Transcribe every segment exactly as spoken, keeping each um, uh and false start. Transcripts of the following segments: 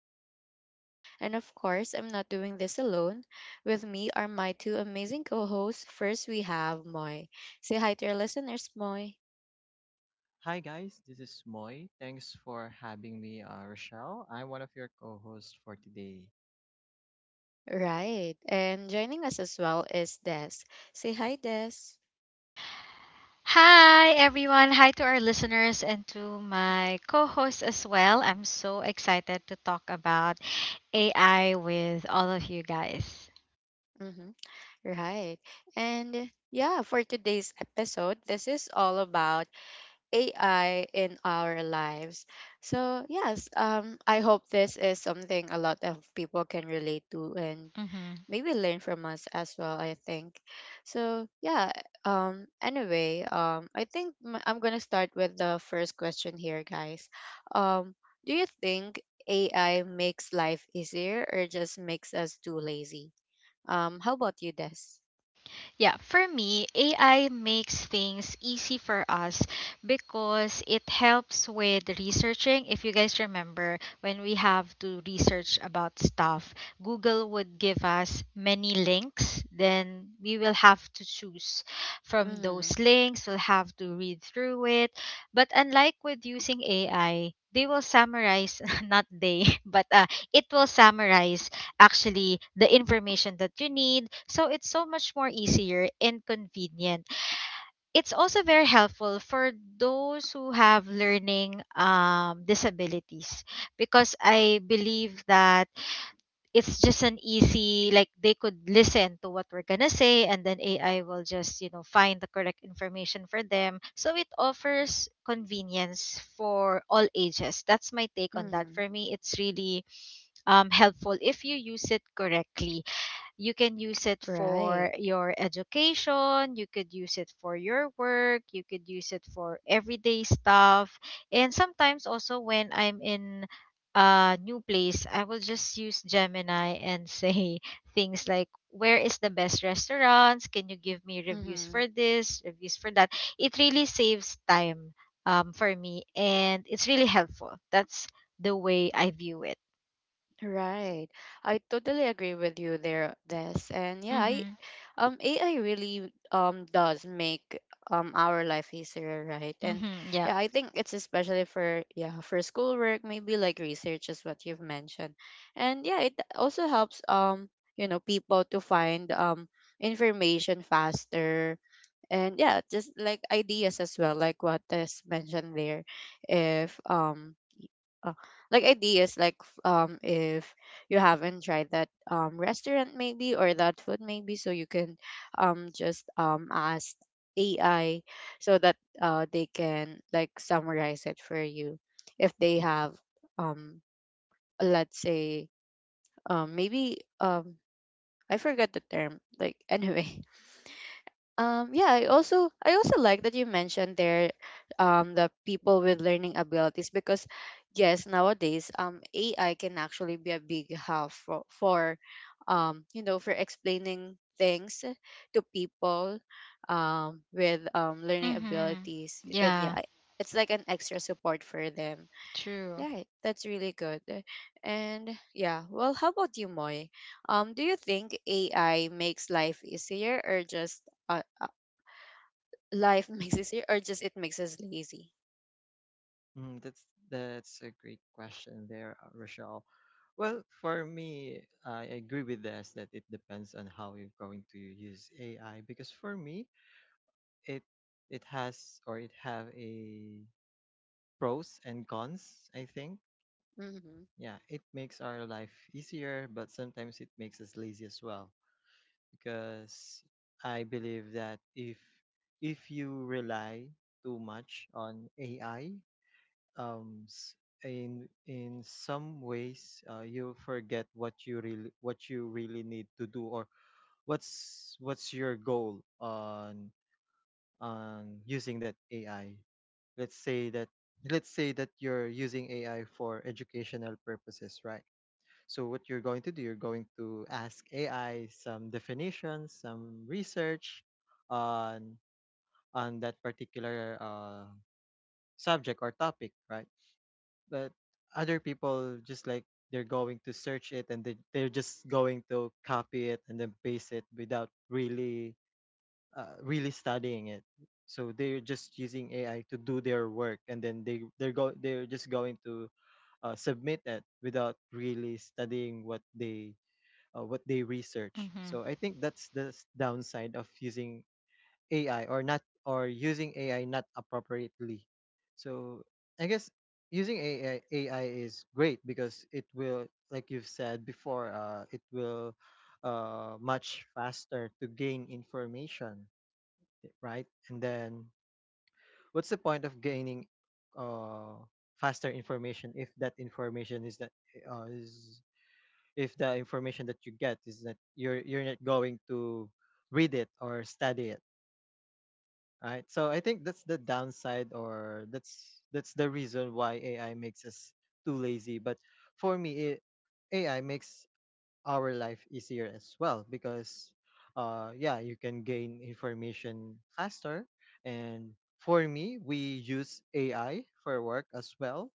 with you guys. And of course, I'm not doing this alone. With me are my two amazing co hosts. First, we have Moy. Say hi to our listeners, Moy. Hi guys, this is Moy. Thanks for having me, uh, Rochelle. I'm one of your co-hosts for today. Right. And joining us as well is Des. Say hi, Des. Hi, everyone. Hi to our listeners and to my co host as well. I'm so excited to talk about A I with all of you guys. Hmm. Right. And yeah, for today's episode, this is all about A I in our lives. So yes, um, I hope this is something a lot of people can relate to and Mm-hmm. maybe learn from us as well, I think. So yeah, um, anyway, um, I think m- I'm going to start with the first question here, guys. Um, do you think A I makes life easier or just makes us too lazy? Um, how about you, Des? Yeah, for me, A I makes things easy for us because it helps with researching. If you guys remember, when we have to research about stuff, Google would give us many links. Then we will have to choose from Mm-hmm. those links, we'll have to read through it. But unlike with using A I, they will summarize, not they, but uh, it will summarize actually the information that you need. So it's so much more easier and convenient. It's also very helpful for those who have learning um, disabilities because I believe that it's just an easy like they could listen to what we're gonna say and then A I will just you know find the correct information for them. So it offers convenience for all ages. That's my take on that. Mm-hmm. For me, it's really um, helpful if you use it correctly. You can use it Right. for your education, you could use it for your work, you could use it for everyday stuff. And sometimes also when I'm in a new place, I will just use Gemini and say things like where is the best restaurants? Can you give me reviews Mm-hmm. for this, reviews for that? It really saves time um, for me and it's really helpful. That's the way I view it. Right. I totally agree with you there, Des. And yeah, I Mhm. um A I really um does make um our life easier, right? And Mhm. Yeah. yeah, I think it's especially for yeah, for schoolwork, maybe like research is what you've mentioned. And yeah, it also helps um, you know, people to find um information faster. And yeah, just like ideas as well, like what Des mentioned there. If um uh, like ideas like f- um if you haven't tried that um restaurant maybe or that food maybe, so you can um just um ask A I so that uh they can like summarize it for you if they have um let's say um maybe um I forgot the term like anyway um, yeah, I also I also like that you mentioned there um the people with learning abilities because yes, nowadays um A I can actually be a big help for, for um you know for explaining things to people um with um learning Mhm. abilities. And yeah, Yeah. I- it's like an extra support for them. True. Yeah, that's really good. And yeah, well, how about you, Moy? Um, do you think A I makes life easier or just uh, life makes us here or just it makes us lazy. Mm, that's that's a great question there, uh, Rochelle. Well, for me, I agree with this that it depends on how you're going to use A I because for me, it it has or it have a pros and cons, I think. Hmm. Yeah, it makes our life easier, but sometimes it makes us lazy as well because I believe that if if you rely too much on A I, um, s- in in some ways, uh, you forget what you really what you really need to do or what's what's your goal on on using that A I. Let's say that let's say that you're using A I for educational purposes, right? So what you're going to do, you're going to ask A I some definitions, some research on on that particular uh, subject or topic, right? But other people just like they're going to search it and they, they're just going to copy it and then paste it without really uh, really studying it. So they're just using A I to do their work and then they they're go they're just going to uh, submit it without really studying what they uh, what they research. Mhm. So I think that's the s- downside of using A I, or not or using A I not appropriately. So I guess using A I A I is great because it will, like you've said before, uh, it will, uh, much faster to gain information, right? And then what's the point of gaining uh, faster information if that information is that uh, is if the information that you get is that you're you're not going to read it or study it, right? So I think that's the downside, or that's that's the reason why AI makes us too lazy. But for me, it, AI makes our life easier as well, because uh yeah, you can gain information faster. And for me, we use AI for work as well.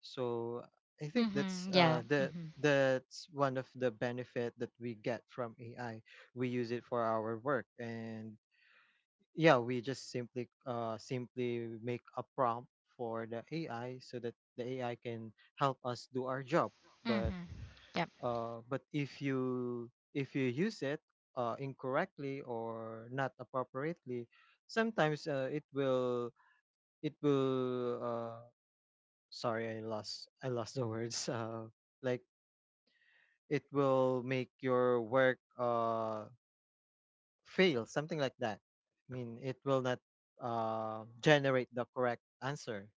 So I think that's Mhm. uh Yeah. the Mhm. that's one of the benefit that we get from A I. We use it for our work, and yeah, we just simply uh simply make a prompt for the A I so that the A I can help us do our job. But Mhm. Yep. uh but if you if you use it uh incorrectly or not appropriately, sometimes uh, it will it will uh, sorry, i lost I lost the words. Uh like, it will make your work uh fail, something like that. I mean, it will not uh generate the correct answer,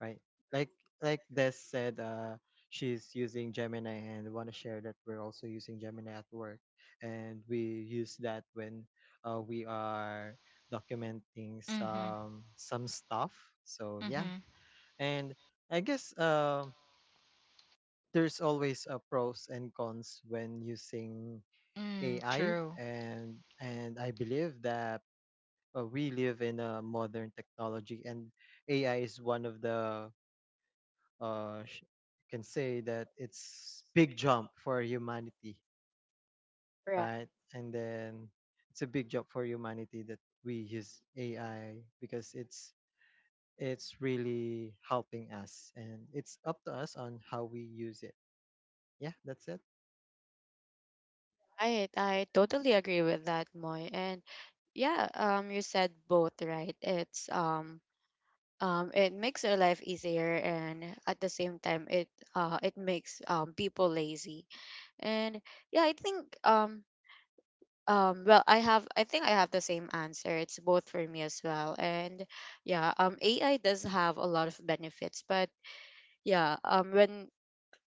right? like like Des said, uh she's using Gemini, and want to share that we're also using Gemini at work. And we use that when uh, we are documenting Mhm. some some stuff. So yeah. Mhm. And I guess, um there's always a pros and cons when using Mm, A I. true. and and I believe that, uh, we live in a modern technology, and A I is one of the, uh sh- can say that, it's big jump for humanity, Right. right? And then it's a big jump for humanity that we use A I, because it's it's really helping us, and it's up to us on how we use it. Yeah, that's it. Right i totally agree with that, Moy. And yeah, um you said both, right? It's um um it makes our life easier, and at the same time it uh it makes um people lazy. And yeah i think um um well, I have, I think I have the same answer. It's both for me as well. And yeah, um, A I does have a lot of benefits, but yeah, um, when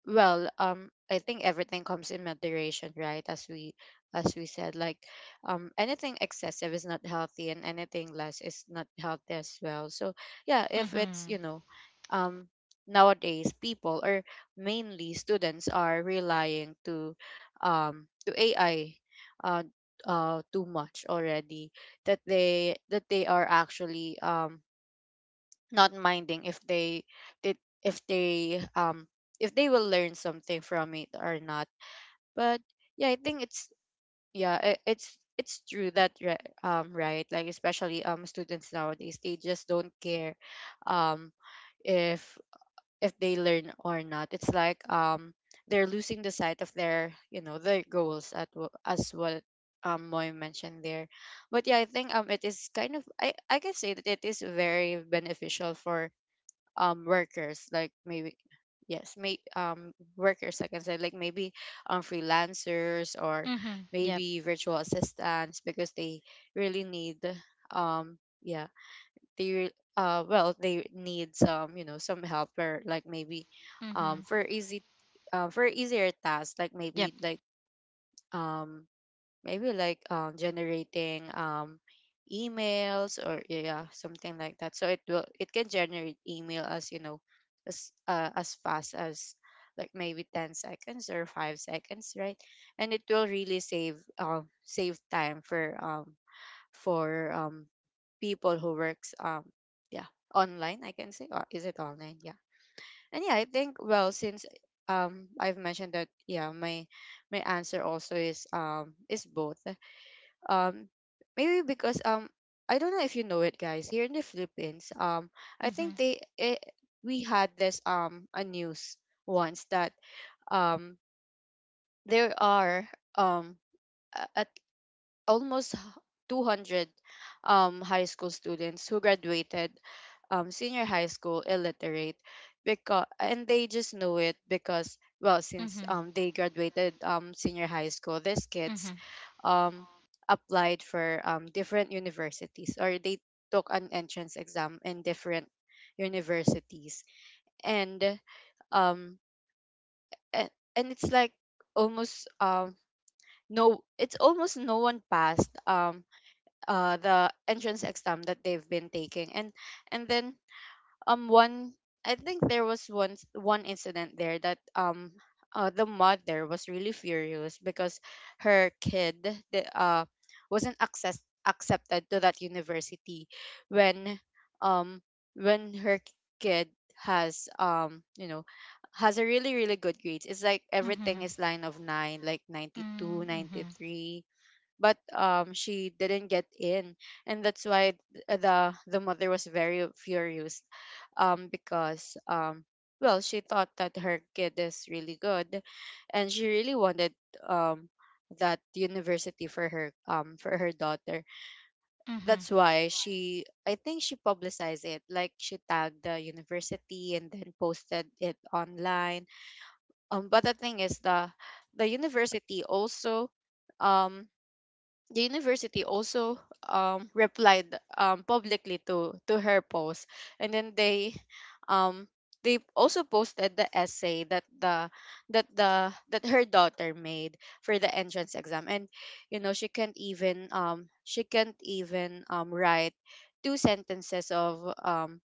well um I think everything comes in moderation, right? As we as we said, like um, anything excessive is not healthy and anything less is not healthy as well. So yeah, if it's Mhm. you know, um nowadays people or mainly students are relying to um to AI, uh, uh too much already, that they that they are actually um not minding if they did if they um if they will learn something from it or not. But yeah, I think it's yeah I it's it's true that ri- um right, like especially um students nowadays they just don't care um if if they learn or not. It's like um they're losing the sight of their you know their goals at wh- as what um Moy mentioned there. But yeah, I think um it is kind of i i can say that it is very beneficial for um workers like maybe, yes may um workers like I can say, like maybe um freelancers or Mhm. Yep. maybe virtual assistants because they really need um yeah they re- uh well they need some you know some help, or like maybe um Mhm. for easy uh, for easier tasks like maybe Yep. like um maybe like um, generating um, emails or yeah something like that. So it will, it can generate email as you know as uh, as fast as like maybe ten seconds or five seconds, right? And it will really save um save time for um for um people who works um yeah online, I can say, or is it online, yeah. And yeah, I think, well, since um I've mentioned that, yeah, my my answer also is um is both. Um maybe because um I don't know if you know it guys, here in the Philippines, um I think Mhm. they it, we had this um a news once that um there are um a, a almost h- two hundred um, high school students who graduated um, senior high school illiterate, because and they just know it because well since Mhm. um, they graduated um, senior high school, these kids Mhm. um, applied for um, different universities, or they took an entrance exam in different universities. And um and, and it's like almost um no, it's almost no one passed um uh the entrance exam that they've been taking. and and then um one I think there was one s- one incident there that um uh, the mother was really furious because her kid the, uh wasn't access accepted to that university. When um when her kid has um you know has a really really good grades, it's like everything Mhm. is line of nine, like ninety two Mm, ninety mhm. three But um, she didn't get in. And that's why th- the the mother was very furious um because um, well, she thought that her kid is really good, and she really wanted um that university for her um for her daughter. Mhm. That's why she, I think she publicized it, like she tagged the university and then posted it online. Um but the thing is, the the university also um the university also um, replied um, publicly to to her post, and then they um, they also posted the essay that the that the that her daughter made for the entrance exam. And you know, she can't even um she can't even um write two sentences of um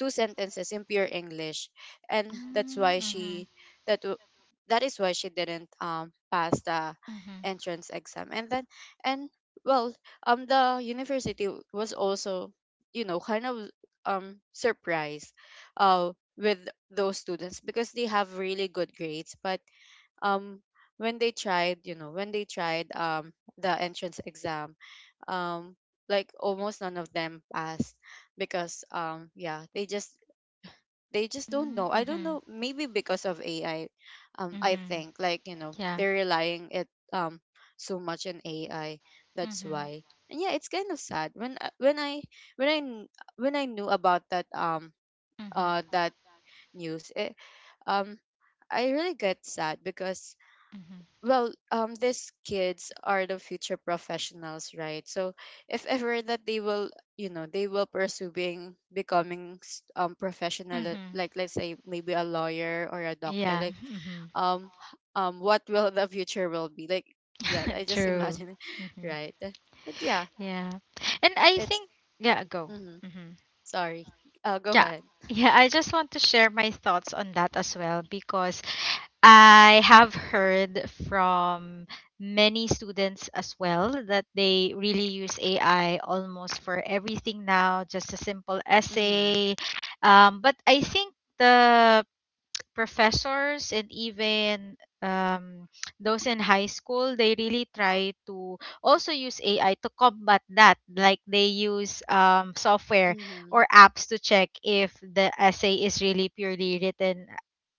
two sentences in pure English, and that's Mm, why mhm. she that w- that is why she didn't um pass the Mhm. entrance exam. And then and well, um, the university was also you know kind of um surprised, uh, with those students because they have really good grades. But um when they tried you know when they tried um the entrance exam, um like almost none of them passed. Because um yeah, they just they just don't Mm, know. I don't mhm. know, maybe because of AI, um I Mhm. think like you know Yeah. they're relying it um so much on AI. That's Mhm. why. And yeah, it's kind of sad when I- when i when i kn- when i knew about that um Mhm. uh that news it, um I really get sad. Because Mhm. well um these kids are the future professionals, right? So if ever that they will, you know, they will pursue being becoming s- um professional uh, Mhm. like let's say maybe a lawyer or a doctor, Yeah. like Mhm. um h- um, what will the future will be like? Yeah, I just True. imagine it, Mhm. right? But yeah, Yeah. And I it's think yeah, go. mm-hmm, Mhm. sorry, uh, go Yeah. ahead. Yeah, I just want to share my thoughts on that as well because I have heard from many students as well that they really use A I almost for everything now, just a simple Mm-hmm. essay. Um, but I think the professors and even um, those in high school they really try to also use A I to combat that, like they use um, software Mm-hmm. or apps to check if the essay is really purely written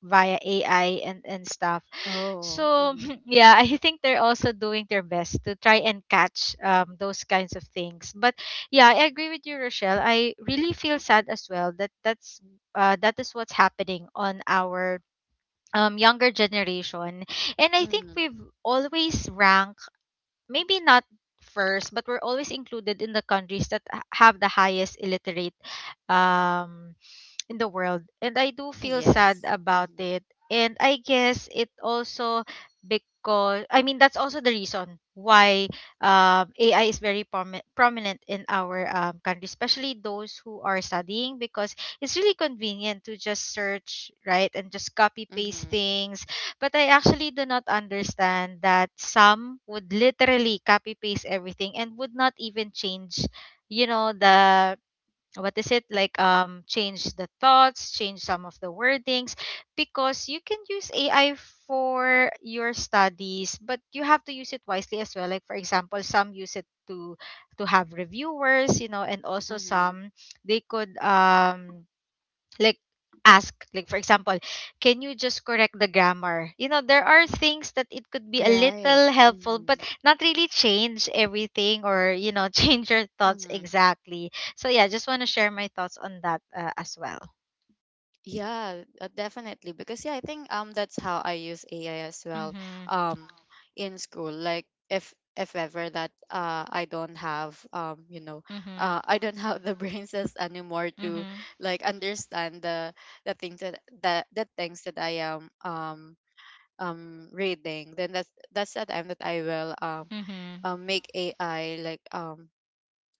via A I and, and stuff. Oh, So mm-hmm. yeah, I think they're also doing their best to try and catch um, those kinds of things. But yeah, I agree with you, Rochelle. I really feel sad as well that that's uh, that is what's happening on our um younger generation. And I think Mm-hmm. we've always ranked, maybe not first, but we're always included in the countries that h- have the highest illiterate um in the world. And I do feel sad Yes, about mm-hmm. it. And I guess it also, because I mean, that's also the reason why um, A I is very promi- prominent in our um, country, especially those who are studying because it's really convenient to just search, right, and just copy paste Mm-hmm. things. But I actually do not understand that some would literally copy paste everything and would not even change, you know the, what is it like, um change the thoughts, change some of the wordings. Because you can use A I for your studies but you have to use it wisely as well, like for example some use it to to have reviewers, you know, and also Mm-hmm. some they could um like ask, like for example, can you just correct the grammar? You know, there are things that it could be a Right. little helpful Mm-hmm. but not really change everything, or you know, change your thoughts Mhm. exactly. So yeah, just want to share my thoughts on that uh, as well. Yeah, uh, definitely. Because yeah, I think um that's how I use A I as well. Mm-hmm. Um, in school, like if if ever that uh I don't have um you know Mm-hmm. uh I don't have the brain cells anymore to Mm-hmm. like understand the the things that the the things that I am um um reading, then that's that's the time that I will um Mm-hmm. um make A I like um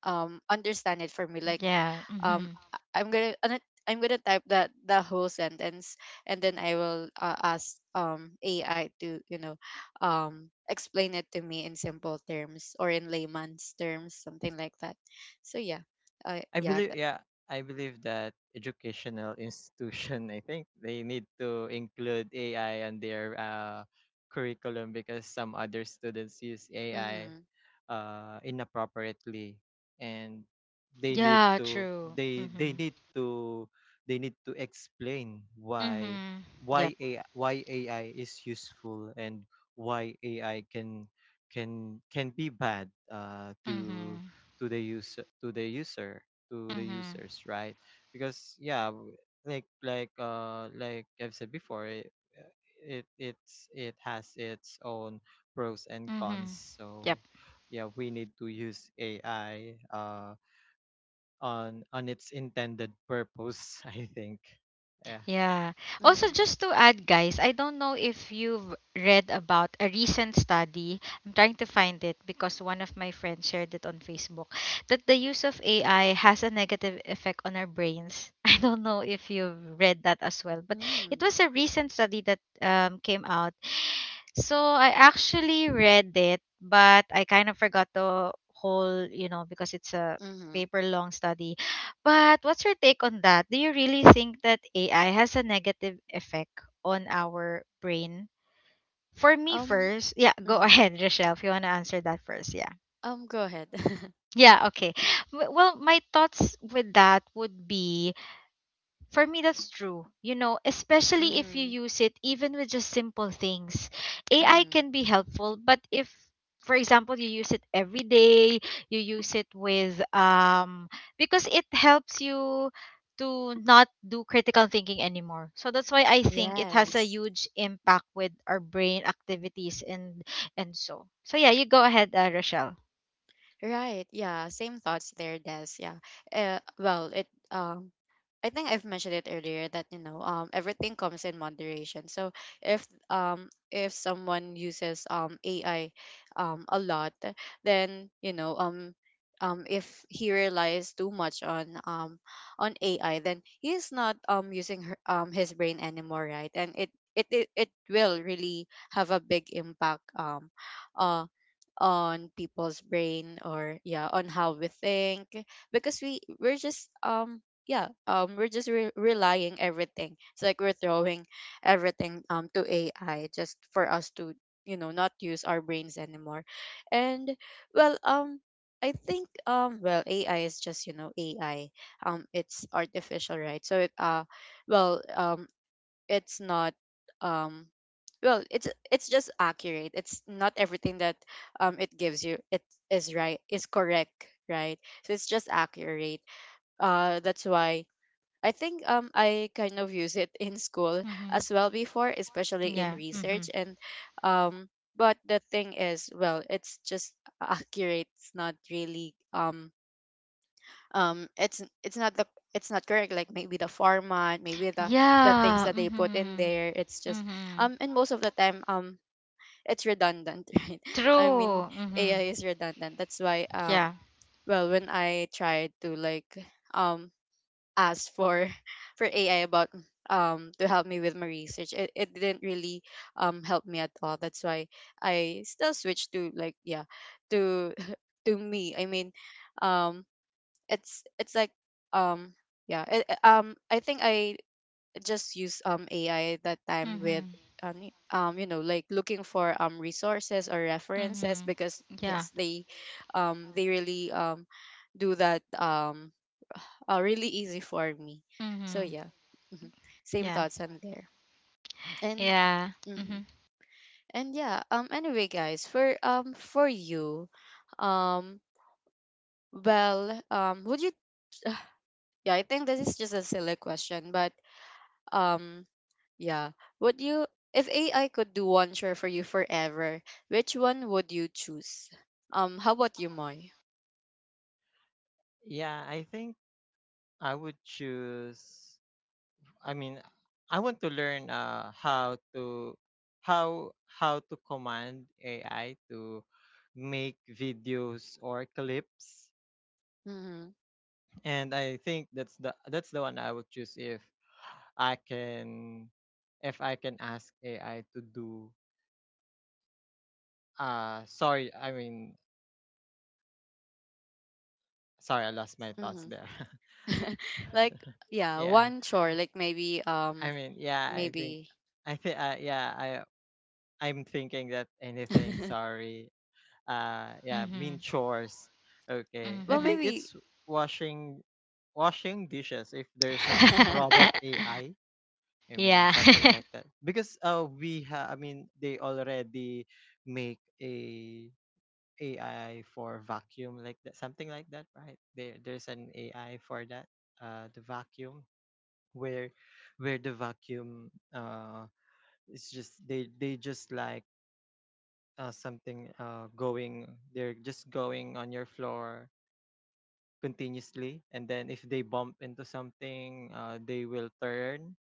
um understand it for me, like Yeah. Um mm-hmm. I- I'm gonna uh, i'm gonna type that the whole sentence, and then I will uh, ask um AI to you know um explain it to me in simple terms or in layman's terms, something like that. So yeah, uh, I yeah believe, that, yeah, I believe that educational institution, I think they need to include A I on their uh, curriculum, because some other students use A I mm-hmm, uh, inappropriately, and they need Yeah, to true. They mm-hmm. they need to, they need to explain why, Mm-hmm. Yep. why A I, why A I is useful, and why A I can can can be bad, uh, to Mm-hmm. to the user to the user, to the Mm-hmm. users, right? Because yeah, w- like, like uh like I've said before, it it it's, it has its own pros and cons. Mm-hmm. Yep. So yeah, we need to use A I uh on on its intended purpose. I think, yeah. Yeah. Also, mm-hmm, just to add, guys, I don't know if you've read about a recent study. I'm trying to find it because one of my friends shared it on Facebook that the use of A I has a negative effect on our brains. I don't know if you've read that as well, but it mm-hmm, was a recent study that um, came out. So I actually read it, but I kind of forgot the whole, you know, because it's a mm-hmm. paper long study. But what's your take on that? Do you really think that A I has a negative effect on our brain? For me Um, first, yeah, go mm-hmm. ahead, Rochelle, if you want to answer that first, yeah. Um, go ahead. Yeah, okay. W- Well, my thoughts with that would be, for me, that's true. You know, especially if you Mm-hmm, use it even with just simple things. A I mm-hmm. can be helpful, but if, for example, you use it every day, you use it with, um, because it helps you to not do critical thinking anymore. So that's why I think it has a Yes. huge impact with our brain activities and and so. So yeah, you go ahead, uh, Rochelle. Right. Yeah. Same thoughts there, Des. Yeah. Uh, well, it um I think I've mentioned it earlier that you know um everything comes in moderation. So if um if someone uses um A I um a lot, then you know um um if he relies too much on um on A I, then he's not um using her, um his brain anymore, right? And it it it, it will really have a big impact um on people's brain, or yeah, on how we think, because we we're just um yeah um we're just re- relying everything. It's like we're throwing everything um to ai just for us to, you know, not use our brains anymore. And well um i think um well ai is just, you know, ai. Um it's artificial, right? So it uh well um it's not um well, it's it's just accurate. It's not everything that um it gives you it is right, is correct, right? So it's just accurate. Uh that's why i think um i kind of use it in school Mm-hmm. as well before, especially in Yeah. Mm-hmm. research. And um but the thing is, well, it's just accurate. It's not really um um it's it's not the, it's not correct. Like maybe the format, maybe the the things Yeah. that they put in Mm-hmm. there, it's just Mm-hmm. um and most of the time um it's redundant, right? I mean, True. Mm-hmm. ai is redundant. That's why um Yeah. well, when I tried to, like, um ask for for ai about um to help me with my research, it, it didn't really um help me at all. That's why I still switched to, like, yeah, to to me, I mean, um it's it's like um yeah, it, it- um i think I just use um ai that time with Mhm. um y- um, you know, like looking for um resources or references, Mhm. because Yeah. yes, they um they really um do that um uh, really easy for me. So Mhm. yeah. Hmm. Same Yeah. thoughts on there. And Yeah. hmm. Mhm. And yeah, um anyway, guys, for um for you, um well um would you, yeah, I think this is just a silly question, but Um, yeah, would you, if A I could do one chore for you forever, which one would you choose? Um, how about you, Moy? Yeah, I think I would choose, I mean, I want to learn uh how to, how how to command A I to make videos or clips. Mm-hmm. And I think that's the, that's the one I would choose if I can, if I can ask A I to do, uh sorry, I mean, sorry, I lost my thoughts Mm-hmm. there. Like, yeah, Yeah. one chore, like maybe, um, I mean, yeah, I think maybe. I think uh, yeah, I I'm thinking that anything, sorry. Uh, yeah, mean Mhm. chores. Okay. I Well, Mhm. think maybe. it's washing washing dishes, if there's an robot A I. I mean, Yeah. something like that. Because uh we have, I mean, they already make a AI for vacuum, like that, something like that, right? There, there's an A I for that, uh the vacuum, where where the vacuum uh it's just, they they just like, uh, something uh going they're just going on your floor continuously, and then if they bump into something, uh they will turn.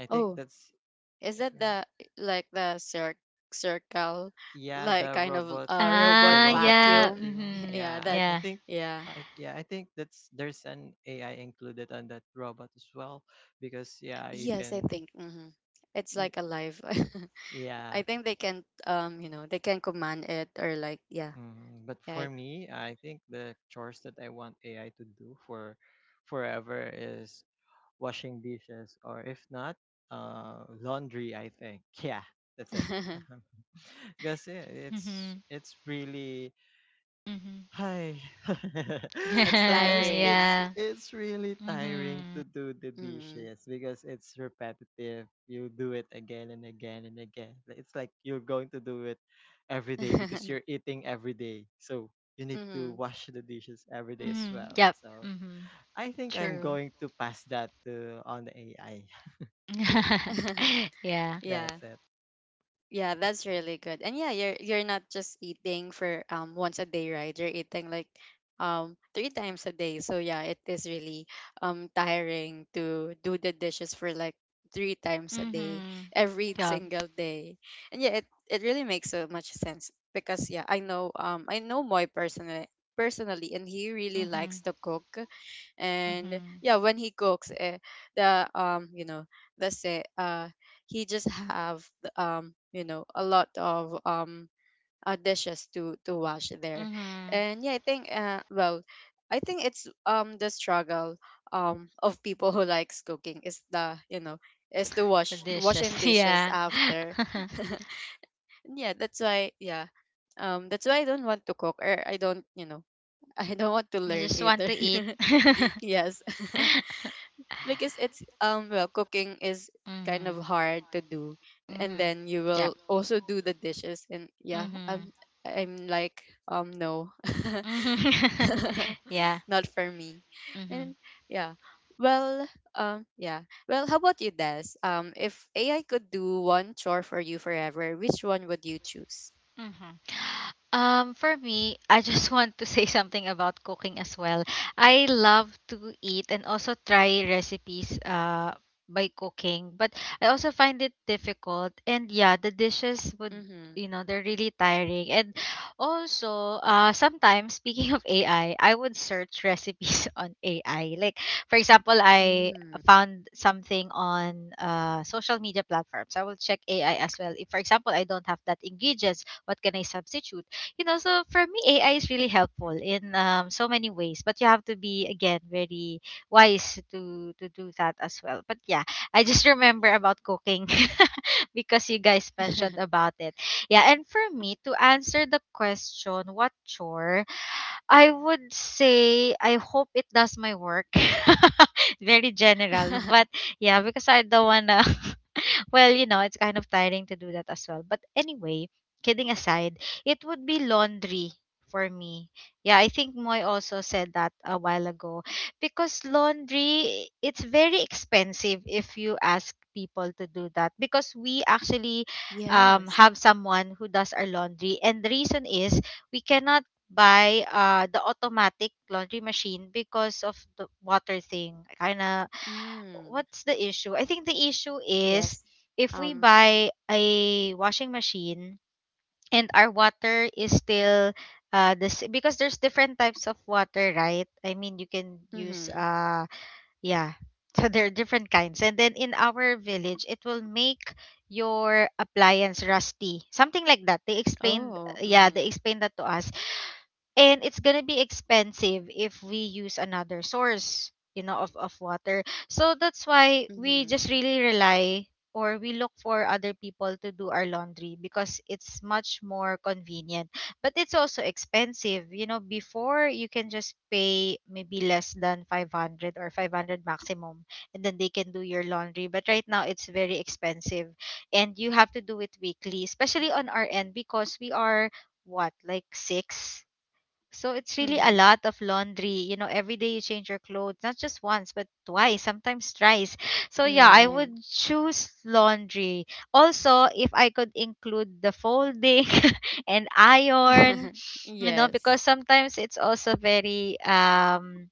I think Oh, that's, is that the, like the cir- circle, yeah, like the kind of robot, uh, robot the Ah, robot yeah. vacuum? vacuum. Mhm. Yeah, Yeah, that. i, I Yeah. think Yeah. I, yeah, I think that's, there's an AI included on that robot as well. Because yeah, you Yes, I can, think. Mm-hmm. It's y- like alive. yeah. I think they can, um you know, they can command it or like, yeah. Mm, but Yeah. for me, I think the chores that I want A I to do for forever is washing dishes, or if not, uh, laundry, I think. Yeah, that's it. Because yeah, it's Mhm. it's really— Mhm. Hi. It's Sometimes tiring. it's Yeah. it's really tiring Mhm. to do the Mm. dishes because it's repetitive. You do it again and again and again. Like, it's like you're going to do it every day because you're eating every day. So you need to Mm-hmm. wash the dishes every day as Mhm. well. Yep. So Mhm. I think I'm True. going to pass that to, on the A I. Yeah. Yeah. That's it. Yeah, that's really good. And yeah, you're you're not just eating for um once a day, right? You're eating like um three times a day. So yeah, it is really um tiring to do the dishes for like three times a day, Mhm. every Yup. single day. And yeah, it, it really makes so much sense, because yeah, I know um I know Moy personally, personally, and he really likes Mhm. to cook. And Mhm. yeah, when he cooks, eh, the um you know, let's say uh he just have um you know, a lot of um uh, dishes to to wash there. Mhm. And yeah, I think uh, well I think it's um the struggle um of people who likes cooking, is the, you know, is to The wash, washing dishes. dishes Yeah. after. Yeah, that's why, yeah, um that's why I don't want to cook, or I don't, you know, I don't want to You learn just want either. to eat. Yes. Because it's um well, cooking is kind of Mhm. hard to do, and Mhm. then you will Yep. also do the dishes. And yeah, Mhm. i'm i'm like, um no. Mhm. Yeah. Not for me. And Mhm. yeah, well um yeah, well, how about you, Des? Um if ai could do one chore for you forever, which one would you choose? Mhm. Um, for me, I just want to say something about cooking as well. I love to eat and also try recipes uh by cooking, but I also find it difficult. And yeah, the dishes would, Mm-hmm. you know, they're really tiring. And also, uh sometimes speaking of A I, I I would search recipes on A I. Like for example, I Mm. found something on uh social media platforms. I will check A I as well. If for example, I don't have that ingredients, what can I substitute? You know, so for me A I is really helpful in um, so many ways, but you have to be again very wise to to do that as well. But yeah, I just remember about cooking because you guys mentioned about it. Yeah. And for me, to answer the question, what chore? I would say I hope it does my work. Very general, but yeah, because I don't wanna. Well, you know, it's kind of tiring to do that as well. But anyway, kidding aside, it would be laundry for me. Yeah, I think Moy also said that a while ago. Because laundry, it's very expensive if you ask people to do that. Because we actually um, Yes. have someone who does our laundry. And the reason is we cannot buy uh, the automatic laundry machine because of the water thing. Kind of Mm. what's the issue? I think the issue is Yes. if we um buy a washing machine and our water is still uh this, because there's different types of water, right? I mean, you can use mm-hmm. uh yeah. So there are different kinds. And then in our village, it will make your appliance rusty. Something like that. They explained, Oh. yeah, they Mm-hmm. explained that to us, and it's gonna be expensive if we use another source you know of, of water. So that's why we Mm-hmm. just really rely or we look for other people to do our laundry because it's much more convenient, but it's also expensive. You know before you can just pay maybe less than five hundred or five hundred maximum and then they can do your laundry, but right now it's very expensive. And you have to do it weekly especially on our end because we are what, like six, so it's really a Mm-hmm. lot of laundry. You know, every day you change your clothes, not just once, but twice, sometimes thrice. So yeah, I Right. would choose laundry. Also, if I could include the folding and iron, you know, Yes. because sometimes it's also very um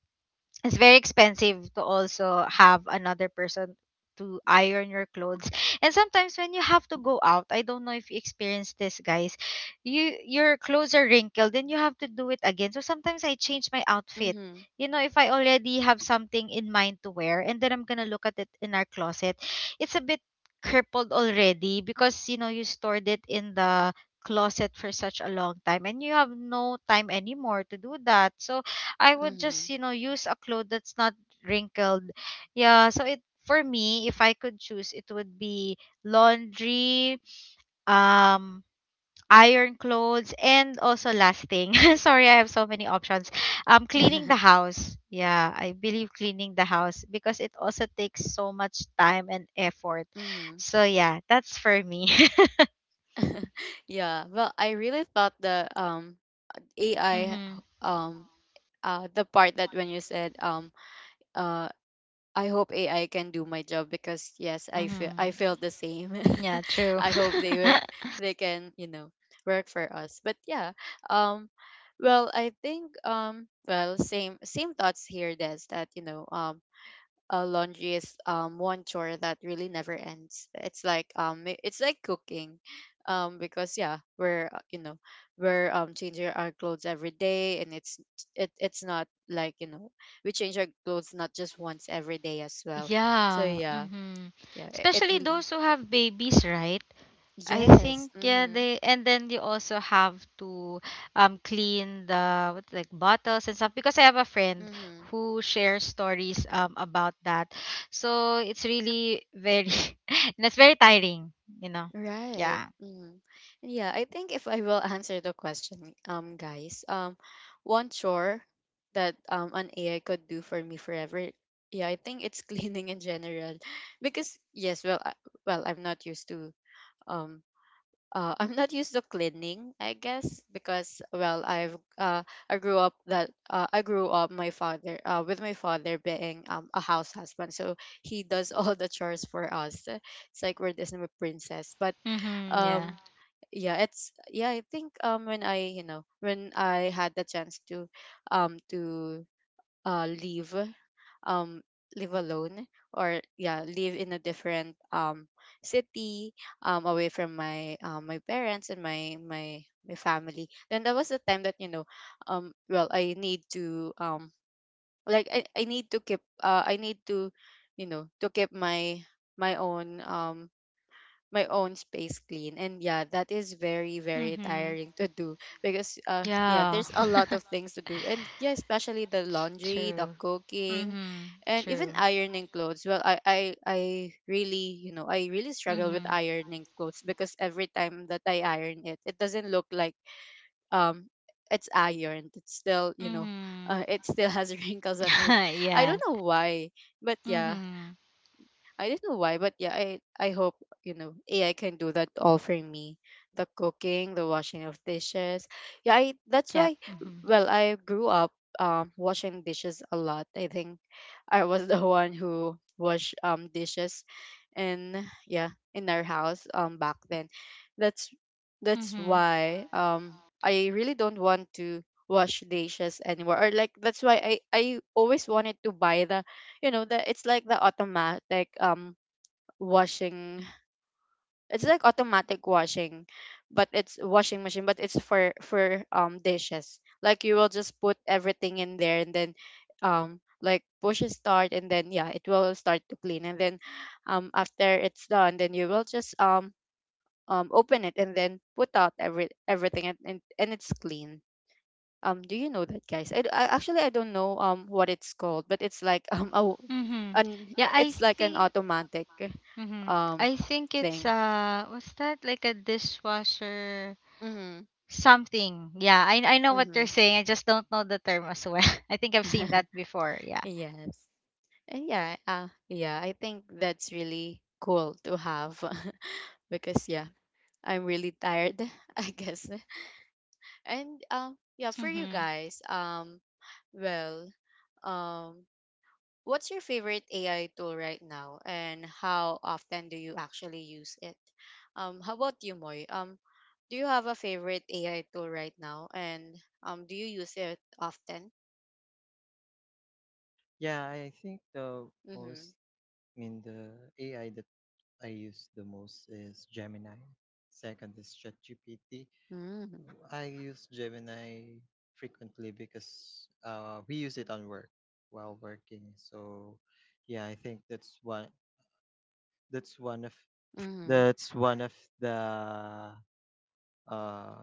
it's very expensive to also have another person to iron your clothes. And sometimes when you have to go out, I don't know if you experience this, guys, you your clothes are wrinkled and you have to do it again. So sometimes I change my outfit, Mm-hmm. you know if I already have something in mind to wear, and then I'm gonna look at it in our closet, it's a bit crippled already because you know you stored it in the closet for such a long time and you have no time anymore to do that. So I would Mm-hmm. just, you know, use a cloth that's not wrinkled. Yeah, so it for me, if I could choose, it would be laundry, um, iron clothes, and also last thing. Sorry, I have so many options. Um, cleaning the house. Yeah, I believe cleaning the house because it also takes so much time and effort. Mm-hmm. So yeah, that's for me. Yeah. Well, I really thought the um A I Mm-hmm. um uh the part that when you said um uh I hope A I can do my job, because yes, I feel, I Mm-hmm. feel the same. Yeah, true. I hope they were, they can, you know, work for us. But yeah, um well, I think um well, same, same thoughts here, Des, that you know, um uh, laundry is um one chore that really never ends. It's like um i- it's like cooking, um because yeah, we're uh, you know, we're um changing our clothes every day, and it's, it it's not like, you know, we change our clothes not just once every day as well. So Yeah. yeah. Mm-hmm. Yeah, i- it Especially really. those who have babies, right? I think Yes. yeah Mm-hmm. they and then you also have to um clean the what like bottles and stuff because I have a friend Mm-hmm. who shares stories um about that. So it's really very and it's very tiring, you know. Right. Yeah. Mm. Yeah, I think if I will answer the question, um, guys, um, one chore that um an A I could do for me forever, yeah, I think it's cleaning in general, because yes, well, I, well, I'm not used to um. Uh, I'm not used to cleaning, I guess, because well, I've uh, I grew up that uh, I grew up, my father, uh, with my father being, um, a house husband, so he does all the chores for us. It's like we're Disney princess. But Mhm. Yeah. um yeah, it's, yeah, I think um when I you know, when I had the chance to um to uh leave, um live alone, or yeah, live in a different um city um away from my um my parents and my my my family, then that was the time that, you know, um well, I need to um like i, I need to keep, uh i need to, you know, to keep my my own um my own space clean. And yeah, that is very, very Mhm. tiring to do, because uh yeah, Yeah. there's a lot of things to do. And yeah, especially the laundry, the True. cooking, Mhm. and even True. ironing clothes. Well, i i, I really, you know, I really struggle with Mhm. ironing clothes, because every time that I iron it, it doesn't look like um it's ironed. It's still, you know, Mhm. uh, it still has wrinkles on it. I yeah. don't know why, but yeah, Mhm. I don't know why, but yeah, I I hope, you know, A I can do that all for me, the cooking, the washing of dishes. Yeah, I, that's Yep. why. Mhm. Well, I grew up um washing dishes a lot. I think I was the one who wash um dishes, and yeah, in our house um back then. That's that's Mhm. why um I really don't want to wash dishes anymore. Or like, that's why i i always wanted to buy the, you know, the, it's like the automatic um washing, it's like automatic washing, but it's washing machine, but it's for for um dishes. Like you will just put everything in there, and then um like push start, and then yeah, it will start to clean, and then um after it's done, then you will just um um open it, and then put out every everything, and and, and it's clean. Um do you know that, guys? I, d- I- actually, I don't know um what it's called, but it's like um a, w- Mhm. an Yeah, I it's like an think automatic mhm. um I think it's thing. uh what's that, like a dishwasher Mm-hmm. something. Yeah, I I know what Mm-hmm. you're saying. I just don't know the term as well. I think I've seen that before. Yeah. Yes. And yeah, uh, yeah, I think that's really cool to have. Because yeah, I'm really tired, I guess. And um yeah, for you Mhm. guys, um well, um what's your favorite A I tool right now, and how often do you actually use it? Um how about you, Moy? Um do you have a favorite A I tool right now, and um do you use it often? Yeah, I think the Mm-hmm. most, I mean, the A I that I use the most is Gemini. Second is ChatGPT. I use Gemini frequently because, uh, we use it on work while working. So yeah, I think that's one, that's one of Mm-hmm. that's one of the, uh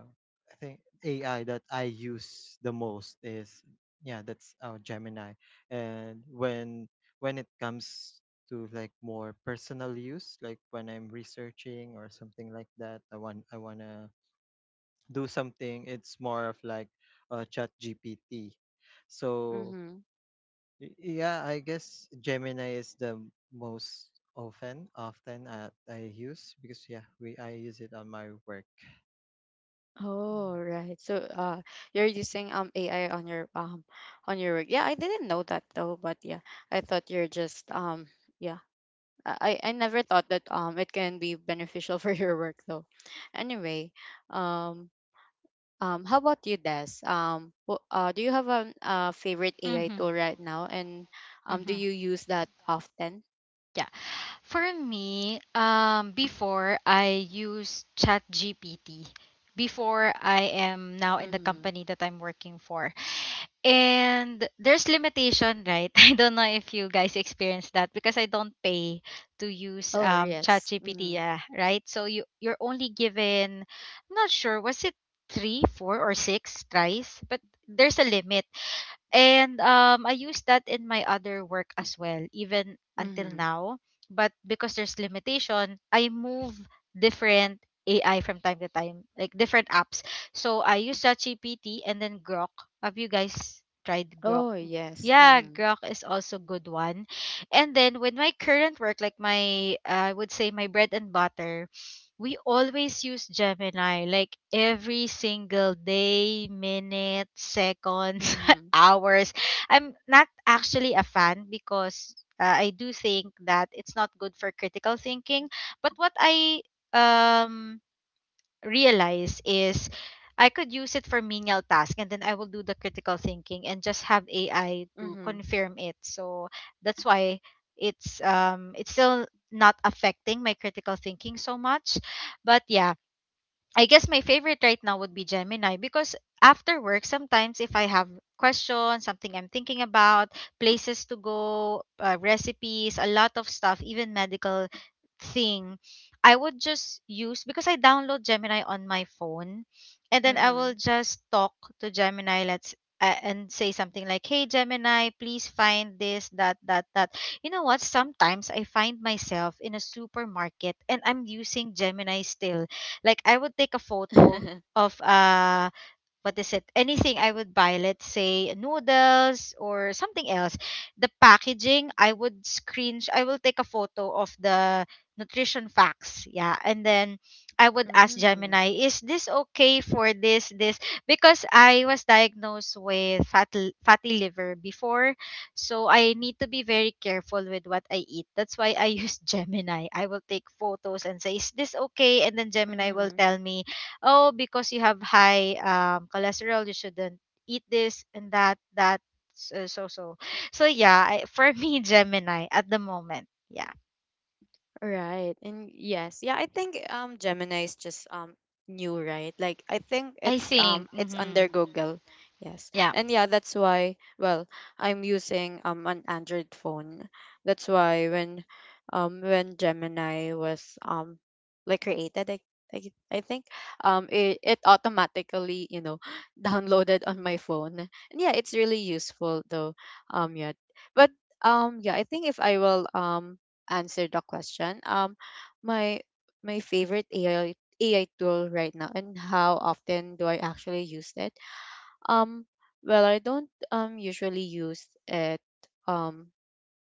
I think A I that I use the most is, yeah, that's, uh, Gemini. And when when it comes to like more personal use, like when I'm researching or something like that, I want, I want to do something, it's more of like, uh, chat G P T so, Mm-hmm. y- yeah, I guess Gemini is the most often, often uh, I use, because yeah, we I use it on my work. Oh, right. So, uh, you're using um A I on your um on your work. Yeah, I didn't know that though, but yeah, I thought you're just um yeah. I I I never thought that um it can be beneficial for your work though. Anyway, um um how about you, Des? Um, wh- uh, do you have a uh, favorite A I Mhm. tool right now, and um do Mhm. you use that often? Yeah. For me, um, before I use ChatGPT, before I am now in the Mm-hmm. company that I'm working for. And there's limitation, right? I don't know if you guys experience that because I don't pay to use Oh um yes. ChatGPT, Mm-hmm. yeah, right? So you you're only given, I'm not sure, was it three, four, or six tries? But there's a limit. And um, I use that in my other work as well, even until Mm-hmm. now. But because there's limitation, I move different A I from time to time, like different apps. So I use ChatGPT and then Grok. Have you guys tried Grok? Oh yes. Yeah, Mm-hmm. Grok is also good one. And then with my current work, like my uh, I would say my bread and butter, we always use Gemini like every single day, minute, seconds, Mm-hmm. hours. I'm not actually a fan because uh, I do think that it's not good for critical thinking. But what I um realize is I could use it for menial task and then I will do the critical thinking and just have A I to Mm-hmm. confirm it. So that's why it's um it's still not affecting my critical thinking so much. But yeah, I guess my favorite right now would be Gemini because after work sometimes if I have questions, something I'm thinking about, places to go, uh, recipes, a lot of stuff, even medical thing I would just use because I download Gemini on my phone and then I will Mm-hmm. just talk to Gemini. Let's uh, And say something like, hey Gemini, please find this, that, that, that. You know what, sometimes I find myself in a supermarket and I'm using Gemini still. Like I would take a photo of uh what is it? Anything I would buy, let's say noodles or something else. The packaging, I would screen, I will take a photo of the nutrition facts. Yeah. And then I would ask Mm. Gemini, is this okay for this, this? Because I was diagnosed with fat, fatty liver before. So I need to be very careful with what I eat. That's why I use Gemini. I will take photos and say, is this okay? And then Gemini will Hmm. tell me, oh because you have high um, cholesterol, you shouldn't eat this and that, that, so, so, so, so yeah, I, for me, Gemini at the moment, yeah. Right. And yes. Yeah, I think um Gemini is just um new, right? Like, I think I it's think. um it's Mm-hmm. under Google. Yes. Yeah. And yeah, that's why, well, I'm using um an Android phone. That's why when um when Gemini was um like created, I I, I think um it, it automatically, you know, downloaded on my phone. And yeah, it's really useful though. Um yeah. But um yeah, I think if I will um answer the question. Um, my, my favorite A I, A I tool right now, and how often do I actually use it? Um, well, I don't um usually use it um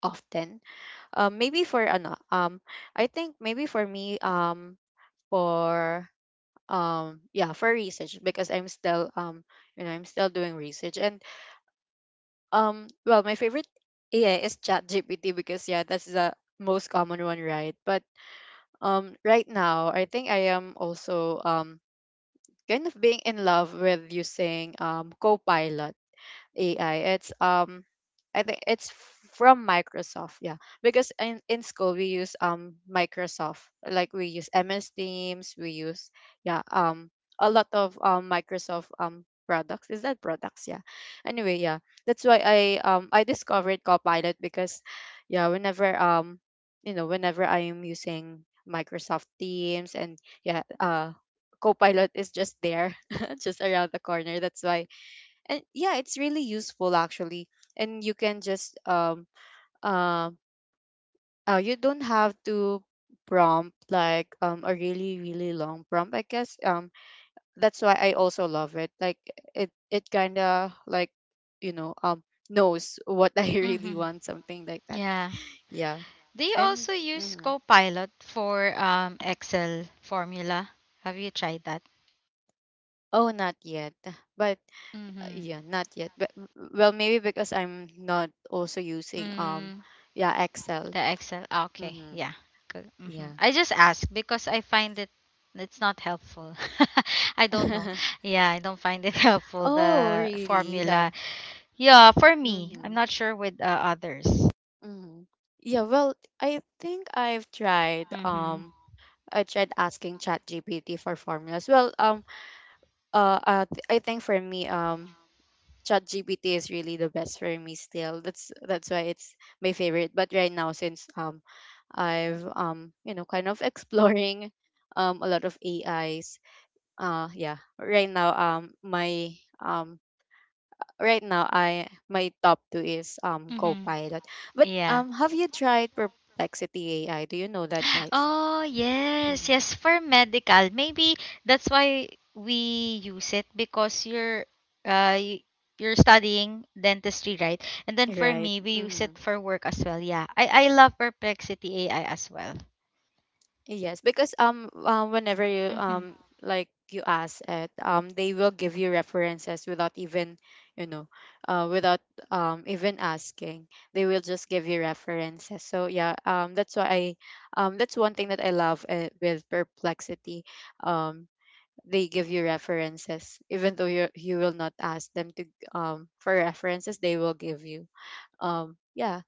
often. Um, maybe for ano, um, I think maybe for me um for um yeah, for research, because I'm still um you know, I'm still doing research. And um well, my favorite A I is ChatGPT, because yeah, that's the most common one, right? But um right now I think I am also um kind of being in love with using um copilot A I. It's um I think it's from Microsoft, yeah. Because in, in school we use um Microsoft. Like we use M S Teams, we use, yeah, um a lot of um Microsoft um products. Is that products? Yeah. Anyway, yeah. That's why I um I discovered Copilot, because yeah, whenever um you know, whenever I am using Microsoft Teams, and yeah, uh Copilot is just there, just around the corner. That's why. And yeah, it's really useful actually. And you can just um uh, uh you don't have to prompt like um a really, really long prompt, I guess. Um that's why I also love it, like it it kind of like, you know, um knows what I really Mm-hmm. want, something like that. Yeah. Yeah. Do you And also use mhm. Copilot for um, Excel formula? Have you tried that? Oh, not yet. But uh, yeah, not yet. But w- well, maybe because I'm not also using um Mm-hmm. yeah, excel. The Excel. Ah, okay. Mm-hmm. Yeah. Good. Hmm, Yeah. I just ask because I find it it's not helpful. I don't know. Yeah, I don't find it helpful, Oh, the really? formula. The Yeah, for me, I'm mhm. not sure with uh, others. Mhm. Yeah, well, I think I've tried Mhm. um I tried asking ChatGPT for formulas. Well, um uh, uh th- I think for me um ChatGPT is really the best for me still. That's that's why it's my favorite. But right now, since um I've um you know kind of exploring um a lot of A Is. Uh yeah, right now um my um right now I my top two is um Mhm. Copilot. But Yeah. um have you tried Perplexity A I? Do you know that guys? Oh, yes. Mhm. Yes, for medical. Maybe that's why we use it because you're uh y- you're studying dentistry, right? And then for Right. me, we use it hmm for work as well. Yeah. I I love Perplexity A I as well. Yes, because um uh, whenever you Mhm. um like you ask it, um they will give you references without even you know uh without um even asking. They will just give you references. So yeah, um that's why I um that's one thing that I love uh, with Perplexity. Um they give you references even though you you will not ask them to um for references. They will give you um yeah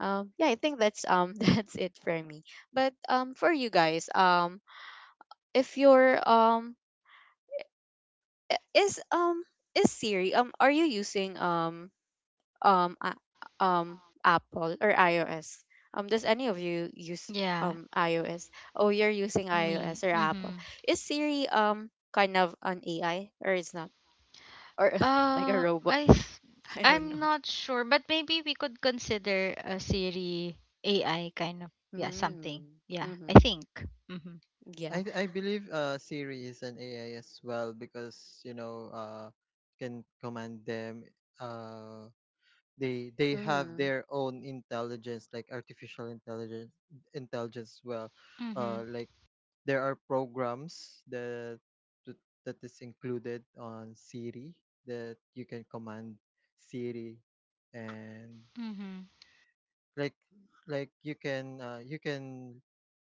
um yeah, I think that's um that's it for me. But um for you guys, um if you're um I- is um is Siri um are you using um um a- um Apple or iOS? Um does any of you use Yeah, um iOS? Oh, you're using iOS me. or Apple? Mhm. Is Siri um kind of an AI or it's not, or like a Uh robot? I th- I don't know. I'm not sure, but maybe we could consider a Siri A I kind of, yeah, something. Mm. Yeah, I Mhm. think. Mhm. Yeah. I th- I believe uh Siri is an A I as well, because you know, uh can command them, uh they they have Mhm. their own intelligence, like artificial intelligence intelligence as well. Mhm. Uh, like, there are programs that, that that is included on Siri, that you can command Siri. And Mhm. like like you can, uh, you can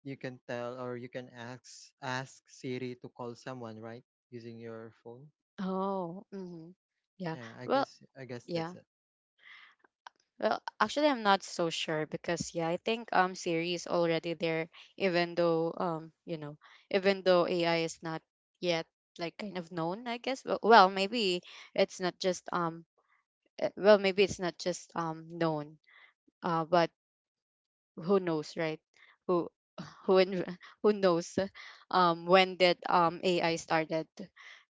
you can tell, or you can ask ask Siri to call someone, right? Using your phone. Oh, mhm. Yeah. Yeah, I Well, guess, I guess that's yeah. it. Well, actually, I'm not so sure because yeah, I think um Siri is already there, even though um you know, even though A I is not yet like kind of known, I guess. Well, well maybe it's not just um eh, well maybe it's not just um known, uh, but who knows, right? Who who in, who knows um when did um A I started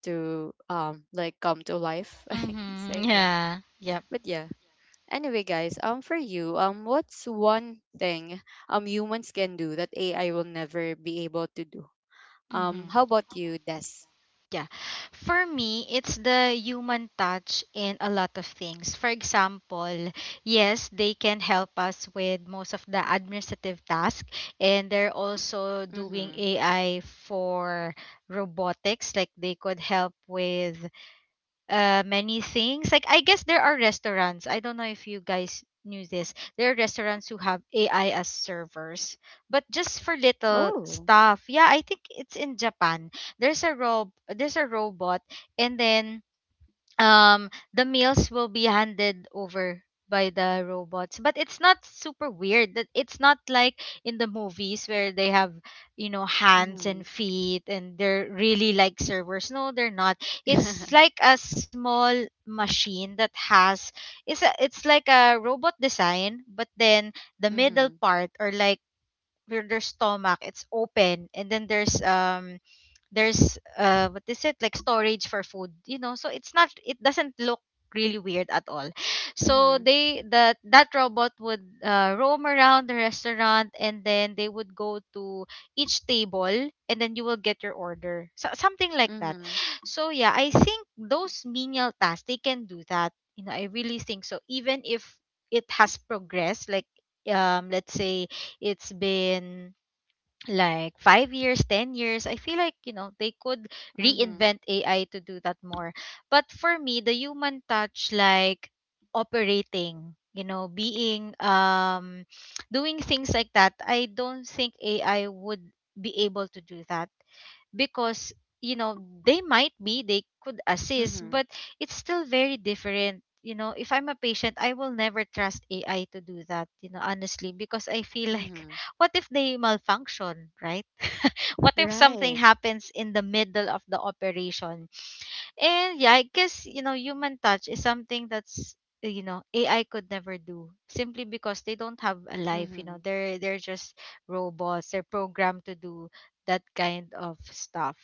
to um like come to life. I can say Mm-hmm. yeah, Yeah. Yep. but yeah, anyway guys, um for you, um what's one thing um humans can do that A I will never be able to do? um Mm-hmm. How about you, Des? Yeah. For me, it's the human touch in a lot of things. For example, yes, they can help us with most of the administrative task, and they're also doing Mm-hmm. A I for robotics. Like they could help with uh many things. Like I guess there are restaurants, I don't know if you guys knew this, there are restaurants who have AI as servers, but just for little Oh. stuff. Yeah, I think it's in Japan. There's a rob there's a robot, and then um the meals will be handed over by the robots, but it's not super weird that, it's not like in the movies where they have, you know, hands Mm-hmm. and feet and they're really like servers. No, they're not. It's like a small machine that has, it's a, it's like a robot design, but then the middle mm-hmm. part, or like, where their stomach, it's open, and then there's um there's uh what is it, like storage for food, you know. So it's not, it doesn't look really weird at all. So Mm-hmm. they, that that robot would, uh, roam around the restaurant, and then they would go to each table and then you will get your order, so, something like that. Mm-hmm. So yeah, I think those menial tasks they can do that, you know. I really think so, even if it has progressed like, um let's say it's been like five years, ten years, I feel like, you know, they could Mm-hmm. reinvent A I to do that more. But for me, the human touch, like operating, you know, being um, doing things like that, I don't think A I would be able to do that, because you know, they might be, they could assist, Mm-hmm. but it's still very different. You know, if I'm a patient, I will never trust AI to do that, you know, honestly, because I feel like Hmm. what if they malfunction, right? What if something right. happens in the middle of the operation? And yeah, I guess, you know, human touch is something that's, you know, A I could never do, simply because they don't have a life, you know. Mm-hmm. They're they're just robots. They're programmed to do that kind of stuff.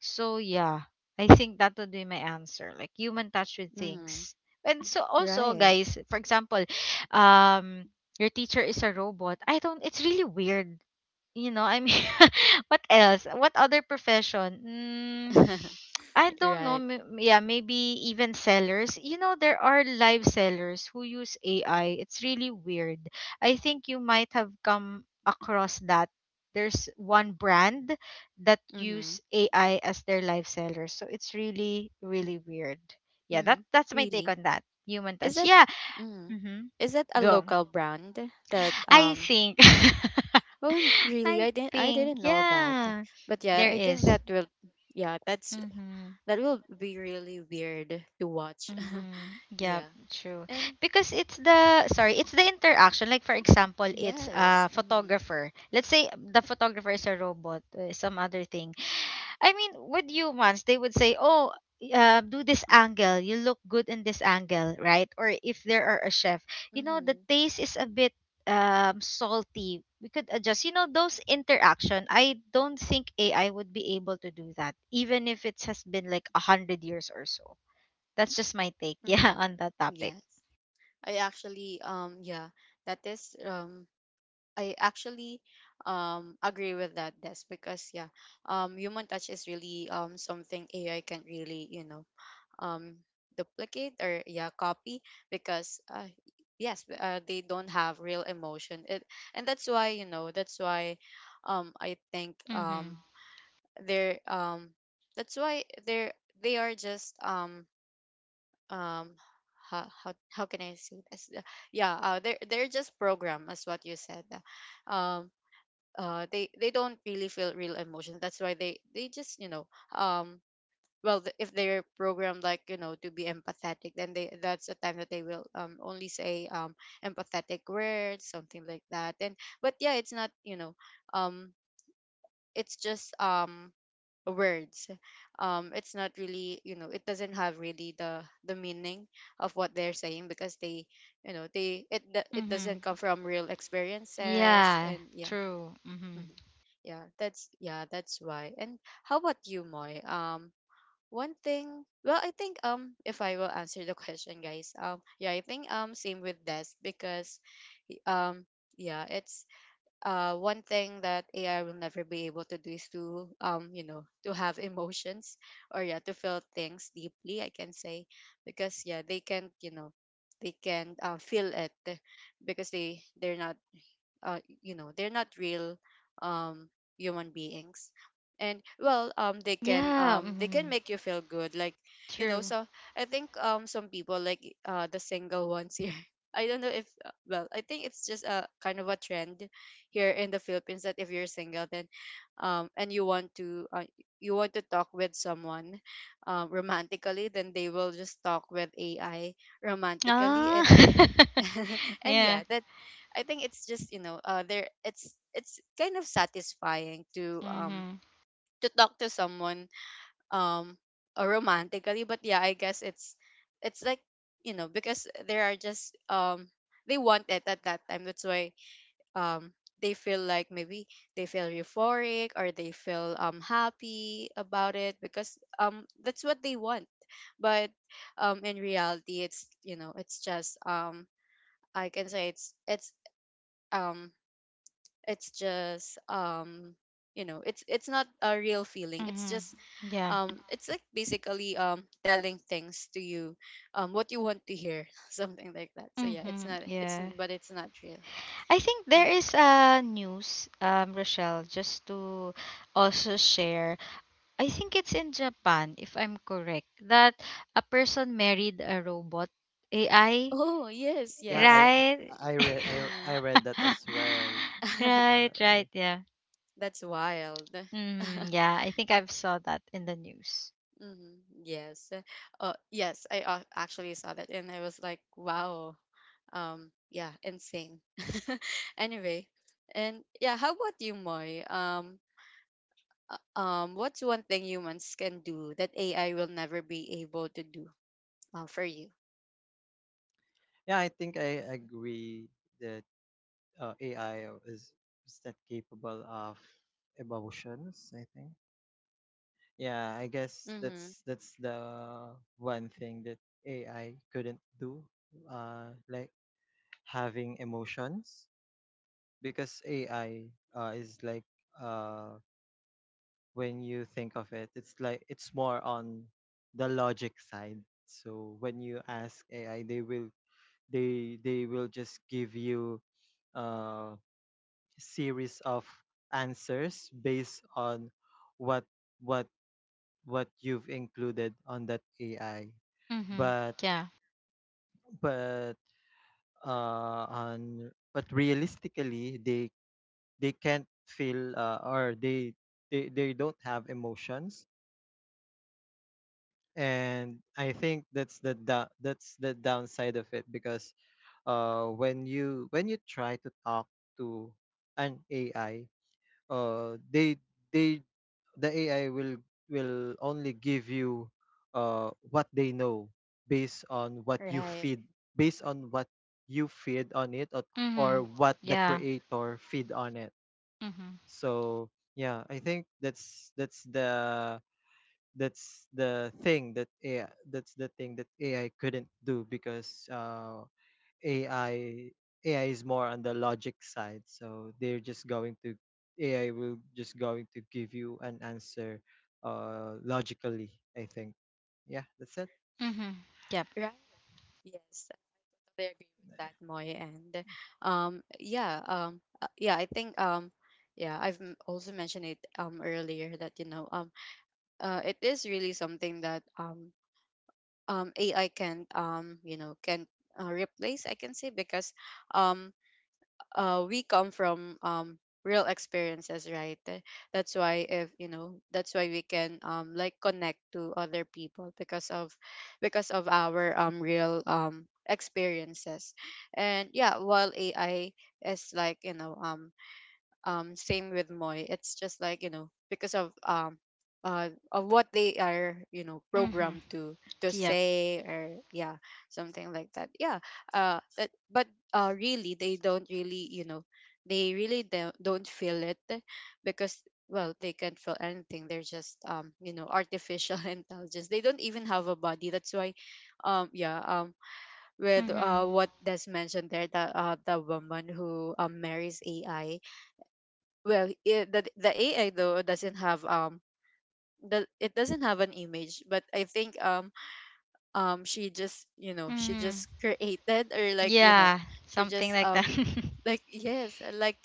So yeah, I think that would be my answer. Like human touch with Mm-hmm. things. And so also Right. guys, for example, um your teacher is a robot. I don't, it's really weird, you know, I mean, what else? What other profession? Mm, I don't know. right. may- Yeah, maybe even sellers. You know, there are live sellers who use A I. It's really weird. I think you might have come across that. There's one brand that Mhm. use A I as their live seller. So it's really, really weird. Yeah, that, Mhm. that's my take Really? on that. Human Is touch. that, Yeah. mhm, Mm-hmm. is that a Go. local brand that I um think oh, and really, I I didn't, I think didn't know that. yeah, But yeah, there I think is. that will, yeah, that's, Mhm. that will be really weird to watch. Mhm. Yeah, yeah. true. And Because it's the, sorry, it's the interaction. Like for example, it's yes. a Mhm. photographer. Let's say the photographer is a robot, uh, some other thing. I mean, with humans, they would say, "Oh, uh, do this angle. You look good in this angle, right?" Or if there are a chef, you know, the Mhm. taste is a bit um, salty. We could adjust. You know, those interaction. I don't think A I would be able to do that, even if it has been like a hundred years or so. That's just my take, yeah, Mhm. on that topic. Yes. I actually um yeah, that is um I actually um agree with that, Des, because yeah, um, human touch is really um something A I can't really, you know, um duplicate or yeah, copy, because uh, yes, uh, they don't have real emotion, it and that's why, you know, that's why um I think Mm-hmm. um they're um that's why they're, they are just um um how, how, how can I say this. Yeah, uh, they're they're just program as what you said, uh, um uh they they don't really feel real emotions. That's why they they just, you know, um well, th- if they're programmed like you know to be empathetic, then they, that's the time that they will um only say um empathetic words, something like that. And but yeah, it's not, you know, um it's just um words. Um it's not really, you know, it doesn't have really the the meaning of what they're saying, because they, you know, they it do- it doesn't Mm-hmm. come from real experiences, Yeah, and yeah. true. Mm-hmm. Mhm. Yeah, that's yeah, that's why. And how about you, Moy? Um, one thing. Well, I think, um, if I will answer the question, guys. Um, yeah, I think, um, same with Des, because y- um, yeah, it's uh one thing that A I will never be able to do is to, um, you know, to have emotions, or yeah, to feel things deeply, I can say, because yeah, they can't, you know, they can, uh, feel it, because they they're not, uh, you know, they're not real, um, human beings. And well, um they can, Yeah, um they can mm-hmm. make you feel good, like, you know, True. so I think um some people, like e, uh the single ones here, I don't know if uh, well, I think it's just a kind of a trend here in the Philippines, that if you're single, then um and you want to uh, you want to talk with someone um romantically, then they will just talk with AI romantically. Ah, And and yeah. yeah, that, I think it's just, you know, uh there, it's it's kind of satisfying to um Mm-hmm. to talk to someone um uh, romantically. But yeah, I guess it's it's like, you know, because there are just um they want it at that time, that's why um they feel like maybe they feel euphoric, or they feel um happy about it, because um that's what they want. But um in reality, it's, you know, it's just, um I can say, it's, it's um it's just um you know, it's it's not a real feeling, it's Mm-hmm. just Yeah. um it's like, basically, um telling things to you, um what you want to hear, something like that. So yeah, it's Mm-hmm. not, it's Yeah. n- but it's not real. I think there Hmm. is a news, um, Rochelle, just to also share. I think it's in Japan, if I'm correct, that a person married a robot A I, Oh, yes, Yeah, yes. I right? I, I read I, I Hmm. read that as well. Uh, Right, right, yeah. that's wild. Mm-hmm. Yeah, I think I've saw that in the news. Mhm. Yes. Uh, yes, I uh, actually saw that and I was like, wow. Um, yeah, insane. Anyway, and yeah, how about you, Moy? Um, uh, um, what's one thing humans can do that A I will never be able to do, uh, for you? yeah, I think I agree that, uh, A I is is not capable of emotions, I think. Yeah, I guess Mm-hmm. that's that's the one thing that A I couldn't do. Uh, like having emotions, because A I, uh, is like, uh, when you think of it, it's like it's more on the logic side. So when you ask A I, they will, they they will just give you a series of answers based on what what what you've included on that A I. Mm-hmm. But Yeah. but uh, on but realistically, they they can't feel, uh, or they, they they don't have emotions. And I think that's the da- that's the downside of it, because, uh when you, when you try to talk to an AI, uh they, they the AI will will only give you uh what they know, based on what you Right. feed, based on what you feed on it, or, or Mm-hmm. what the Yeah. creator feed on it. Mm-hmm. So yeah, I think that's that's the that's the thing that A I, that's the thing that AI couldn't do, because, uh, A I A I is more on the logic side. So they're just going to, A I will just going to give you an answer, uh, logically, I think. Yeah, that's it. Mm-hmm. Yep. Right. Yes, I totally agree with that, Moy. And um, yeah, um, uh, yeah, I think, um, yeah, I've m- also mentioned it um earlier that, you know, um, uh, it is really something that, um, um, A I can, um, you know, can uh, replace, I can say, because, um, uh, we come from, um, real experiences, right? Th- That's why, if you know, that's why we can, um, like connect to other people, because of, because of our um, real um, experiences. And yeah, while A I is like, you know, um, um same with Moy. It's just like, you know, because of um uh of what they are, you know, Mm-hmm. programmed to to Yep. say, or yeah, something like that. Yeah. Uh that, but uh really, they don't really, you know, they really don't don't feel it, because well, they can't feel anything, they're just, um you know, artificial intelligence, they don't even have a body, that's why, um yeah um with Mm-hmm. uh what Des mentioned there, the uh the woman who um marries A I, well, it, the, the AI, though, doesn't have um the, it doesn't have an image, but I think um um she just, you know, she Mm-hmm. just created, or like, you know, Yeah, she something just like that. um like yes, uh, like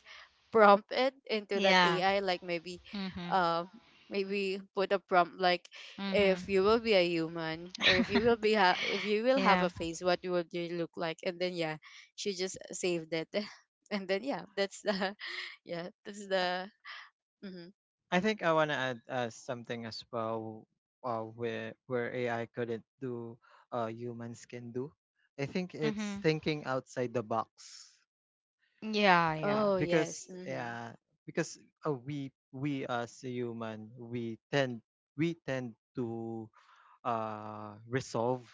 prompt it into that yeah. AI, like maybe Mm-hmm. um maybe put a prompt like, Mm-hmm. if you will be a human, or if you will be ha- if you will have yeah. a face, what would you look like? And then yeah, she just saved it. and then yeah, that's the yeah, that's the mhm. I think I want to add, uh, something as well, uh, where where A I couldn't do, uh, humans can do. I think Mm-hmm. it's thinking outside the box. Yeah, yeah. Yeah, Oh, yes. because Mm-hmm. yeah, because, uh, we we as a human, we tend we tend to, uh, resolve,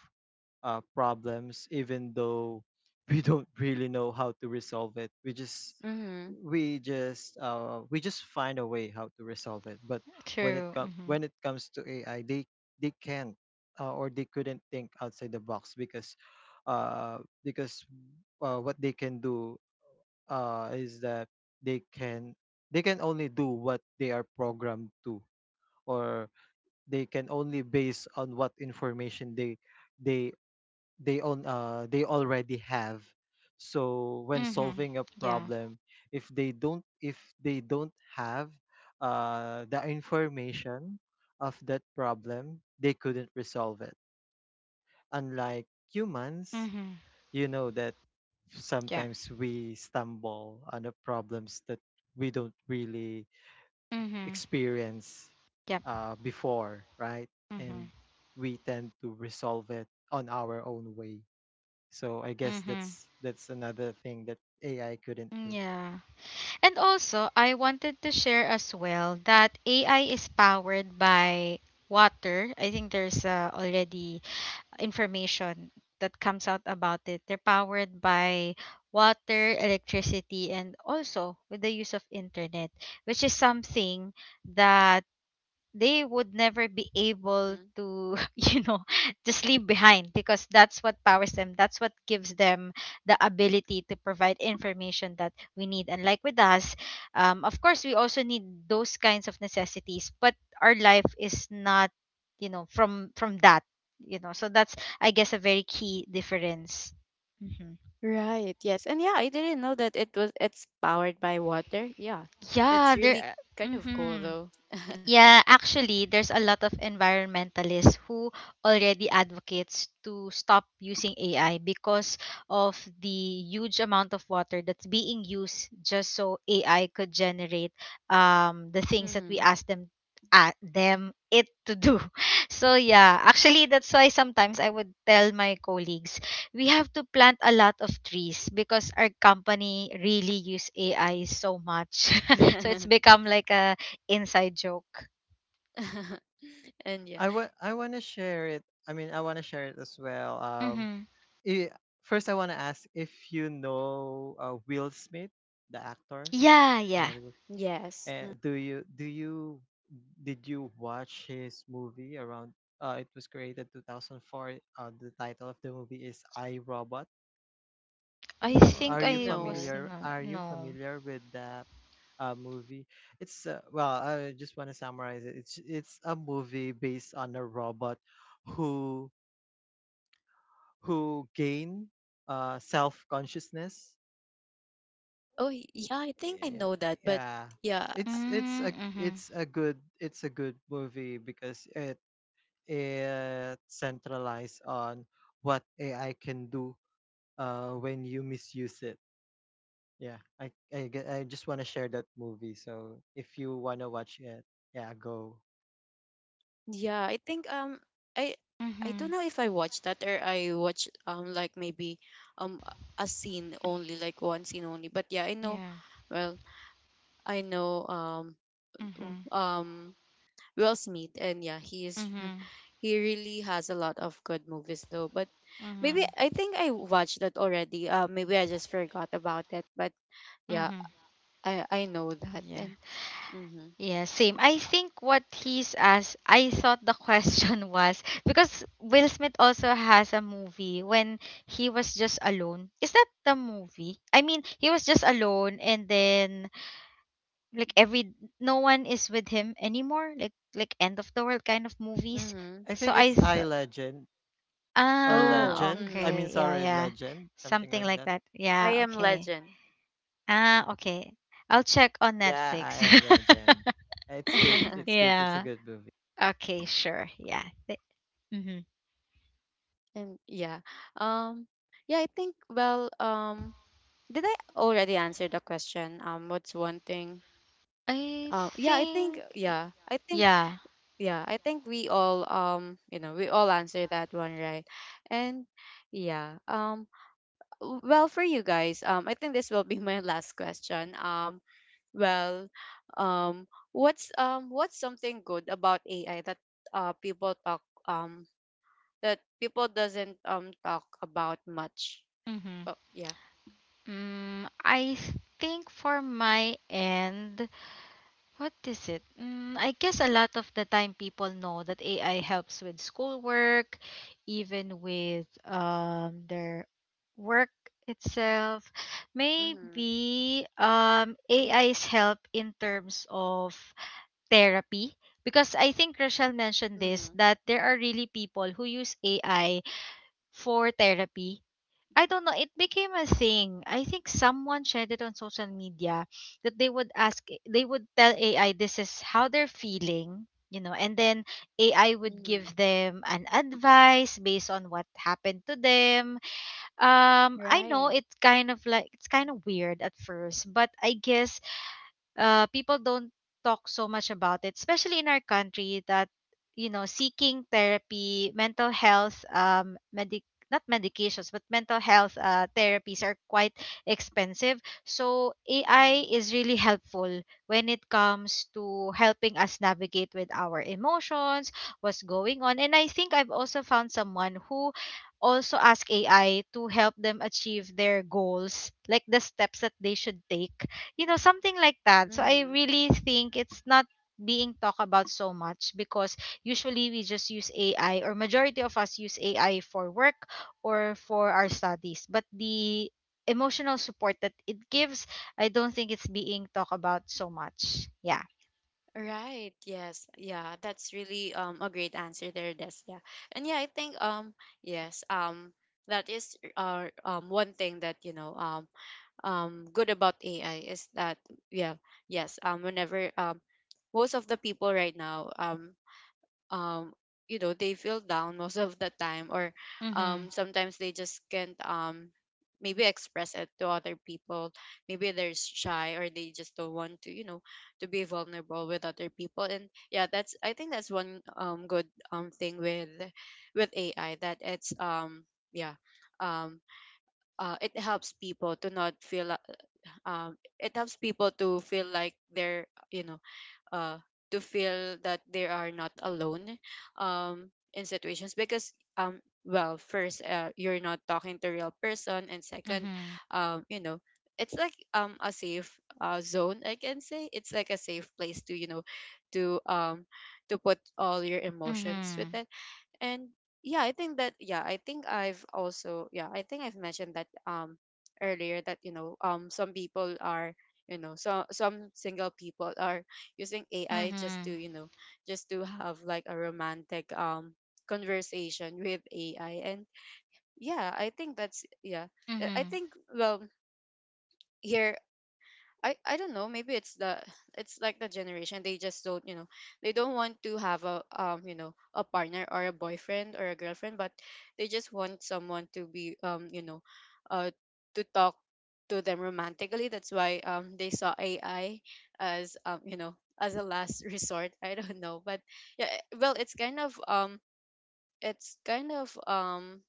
uh, problems even though we don't really know how to resolve it. We just Mm-hmm. we just, uh we just find a way how to resolve it. But when it, True. com- Mm-hmm. when it comes to AI, they they can't, uh, or they couldn't think outside the box, because, uh because uh, what they can do, uh is that they can, they can only do what they are programmed to, or they can only base on what information they they they own, uh they already have. So when Mm-hmm. solving a Yeah. problem, if they don't if they don't have uh the information of that problem, they couldn't resolve it. Unlike humans, Mm-hmm. you know, that Yeah. sometimes we stumble on the problems that we don't really Mm-hmm. experience Yep. uh, before, right? Mm-hmm. And we tend to resolve it on our own way. So I guess Mm-hmm. that's that's another thing that A I couldn't do. Yeah. And also, I wanted to share as well that A I is powered by water. I think there's uh, already information that comes out about it. They're powered by water, electricity, and also with the use of internet, which is something that they would never be able Mm. to you know just leave behind, because that's what powers them, that's what gives them the ability to provide information that we need. And like with us, um, of course we also need those kinds of necessities, but our life is not, you know, from from that, you know. So that's, I guess, a very key difference. Hmm. Right. Yes. And yeah, I didn't know that it was, it's powered by water. Yeah. That's yeah really there kind of cool Mm-hmm. though. Yeah, actually, there's a lot of environmentalists who already advocates to stop using A I because of the huge amount of water that's being used just so A I could generate, um, the things that we mm-hmm. ask them, at them it to do. So yeah, actually that's why sometimes I would tell my colleagues we have to plant a lot of trees because our company really use A I so much. So it's become like a inside joke. and yeah. I want I want to share it. I mean, I want to share it as well. Um, Mm-hmm. i- first, I want to ask if you know, uh, Will Smith, the actor, Yeah, yeah. Hollywood. Yes. Uh, do you do you, did you watch his movie around? Uh, it was created two thousand four. Uh, the title of the movie is I Robot. I Mm, Are think you I was no. familiar? not. Are you No. familiar with the, uh, movie? It's, uh, well, I just want to summarize it. It's it's a movie based on a robot who who gain, uh, self consciousness. Oh, y- yeah, I think I Yeah, know that, but yeah. yeah. It's, it's Mm, a mm-hmm. it's a good, it's a good movie because it it centralized on what A I can do, uh, when you misuse it. Yeah, I I, ge- I just want to share that movie. So if you want to watch it, yeah, go. Yeah, I think um I I don't Mm-hmm. know if I watched that, or I watched um like maybe um a scene only, like one scene only. But yeah, I know, Yeah. well, I know, um Mm-hmm. um Will Smith, and yeah, he is, Mm-hmm. he really has a lot of good movies though. But Mm-hmm. maybe I think I watched that already, uh maybe I just forgot about it, but yeah, Mm-hmm. I I know that, Yeah. and mhm. Yeah, same. I think what he's asked, I thought the question was because Will Smith also has a movie when he was just alone. Is that the movie? I mean, he was just alone, and then like every, no one is with him anymore, like like end of the world kind of movies. Mhm. I So think I it's I thought, Legend, or Oh, ah Legend. I mhm. mean, okay, yeah sorry, yeah, Legend, something something like like that. that, I yeah, am okay, Legend. ah okay, I'll check on Yeah, Netflix. I am Legend. It's good. It's good. It's a Yeah, good movie. okay, sure, yeah. Mm-hmm. and yeah, um yeah I think well um did I already answer the question? Um what's one thing I um Yeah, I think, think yeah, I think, yeah. yeah, I think we all, um you know, we all answer that one, right? And yeah, um w- well, for you guys, um I think this will be my last question. um well um what's um what's something good about AI that uh people talk um that people doesn't um talk about much? Mm-hmm. Oh, yeah. Mm, I think for my end, what is it? Mm, I guess a lot of the time people know that A I helps with schoolwork, even with, um, their work itself. Mhm. Maybe um, A is help in terms of therapy. Because I think Rochelle mentioned this, Mhm. that there are really people who use A I for therapy. I don't know. It became a thing. I think someone shared it on social media that they would ask, they would tell A I this is how they're feeling, you know, and then A I would give Mhm. them an advice based on what happened to them. Um, I know Right. it's kind of like, it's kind of weird at first, but I guess, uh, people don't talk so much about it, especially in our country, that you know, seeking therapy, mental health, um, medic not medications, but mental health uh, therapies are quite expensive, so AI Mhm. is really helpful when it comes to helping us navigate with our emotions, what's going on. And I think I've also found someone who also asked AI to help them achieve their goals, like the steps that they should take, you know, something like that. So I Mhm. really think it's not being talked about so much because usually we just use AI, or majority of us use AI for work or for our studies, but the emotional support that it gives, I don't think it's being talked about so much. Yeah. Right. Yes. Yeah. That's really um a great answer there, Des. Yeah. And yeah, I think um yes um that is uh um one thing that, you know, um um good about A I is that, yeah, yes, um whenever, um most of the people right now, um um you know, they feel down most of the time, or Mhm. um sometimes they just can't, um maybe express it to other people, maybe they're shy, or they just don't want to, you know, to be vulnerable with other people. And yeah, that's, I think that's one um good um thing with with AI, that it's um yeah um uh, it helps people to not feel uh, um it helps people to feel like they're, you know, uh, to feel that they are not alone, um, in situations, because, um, well, first, uh, you're not talking to real person, and second, Mhm. um, you know, it's like um a safe uh, zone, I can say, it's like a safe place to, you know, to um to put all your emotions with. Mhm. And yeah, I think that, yeah, I think I've also, yeah, I think I've mentioned that um earlier that, you know, um some people are, you know, so some single people are using AI just to, Mhm. you know, just to have like a romantic um conversation with AI. And yeah, I think that's, yeah, i I Mhm. think well, here, I, I don't know, maybe it's the, it's like the generation, they just don't, you know, they don't want to have a um you know, a partner, or a boyfriend, or a girlfriend, but they just want someone to be, um you know, uh to talk to them romantically. That's why um they saw A I as, um you know, as a last resort, I don't know. But yeah, eh, well, it's kind of, um it's kind of, um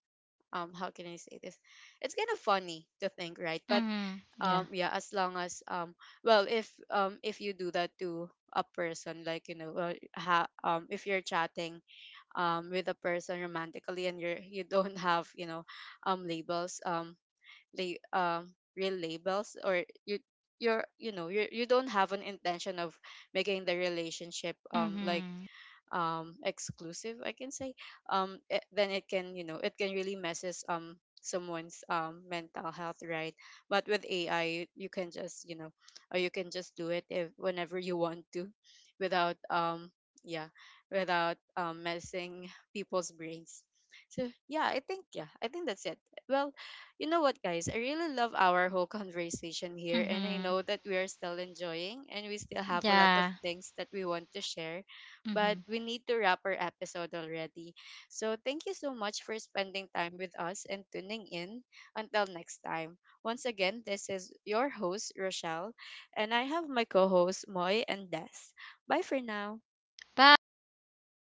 um how can I say this, it's kind of funny to think, right? But Mhm. yeah um yeah, as long as, um well, if um if you do that to a person, like, you know, uh, ha, um if you're chatting um with a person romantically, and you're, you don't have, you know, um labels, um la- um real labels, or you you're you know, you you don't have an intention of making the relationship um like Mhm. um exclusive, I can say, um it, then it can, you know, it can really messes, um someone's um mental health, right? But with AI, you can just, you know, or you can just do it if whenever you want to, without um yeah, without um messing people's brains. So yeah, I think, yeah, I think that's it. Well, you know what, guys, I really love our whole conversation here, and I Mhm. know that we are still enjoying, and we still have a lot of Yeah. things that we want to share, but Mhm. we need to wrap our episode already. So thank you so much for spending time with us and tuning in. Until next time. Once again, this is your host, Rochelle, and I have my co hosts, Moy and Des. Bye for now. Bye. Thank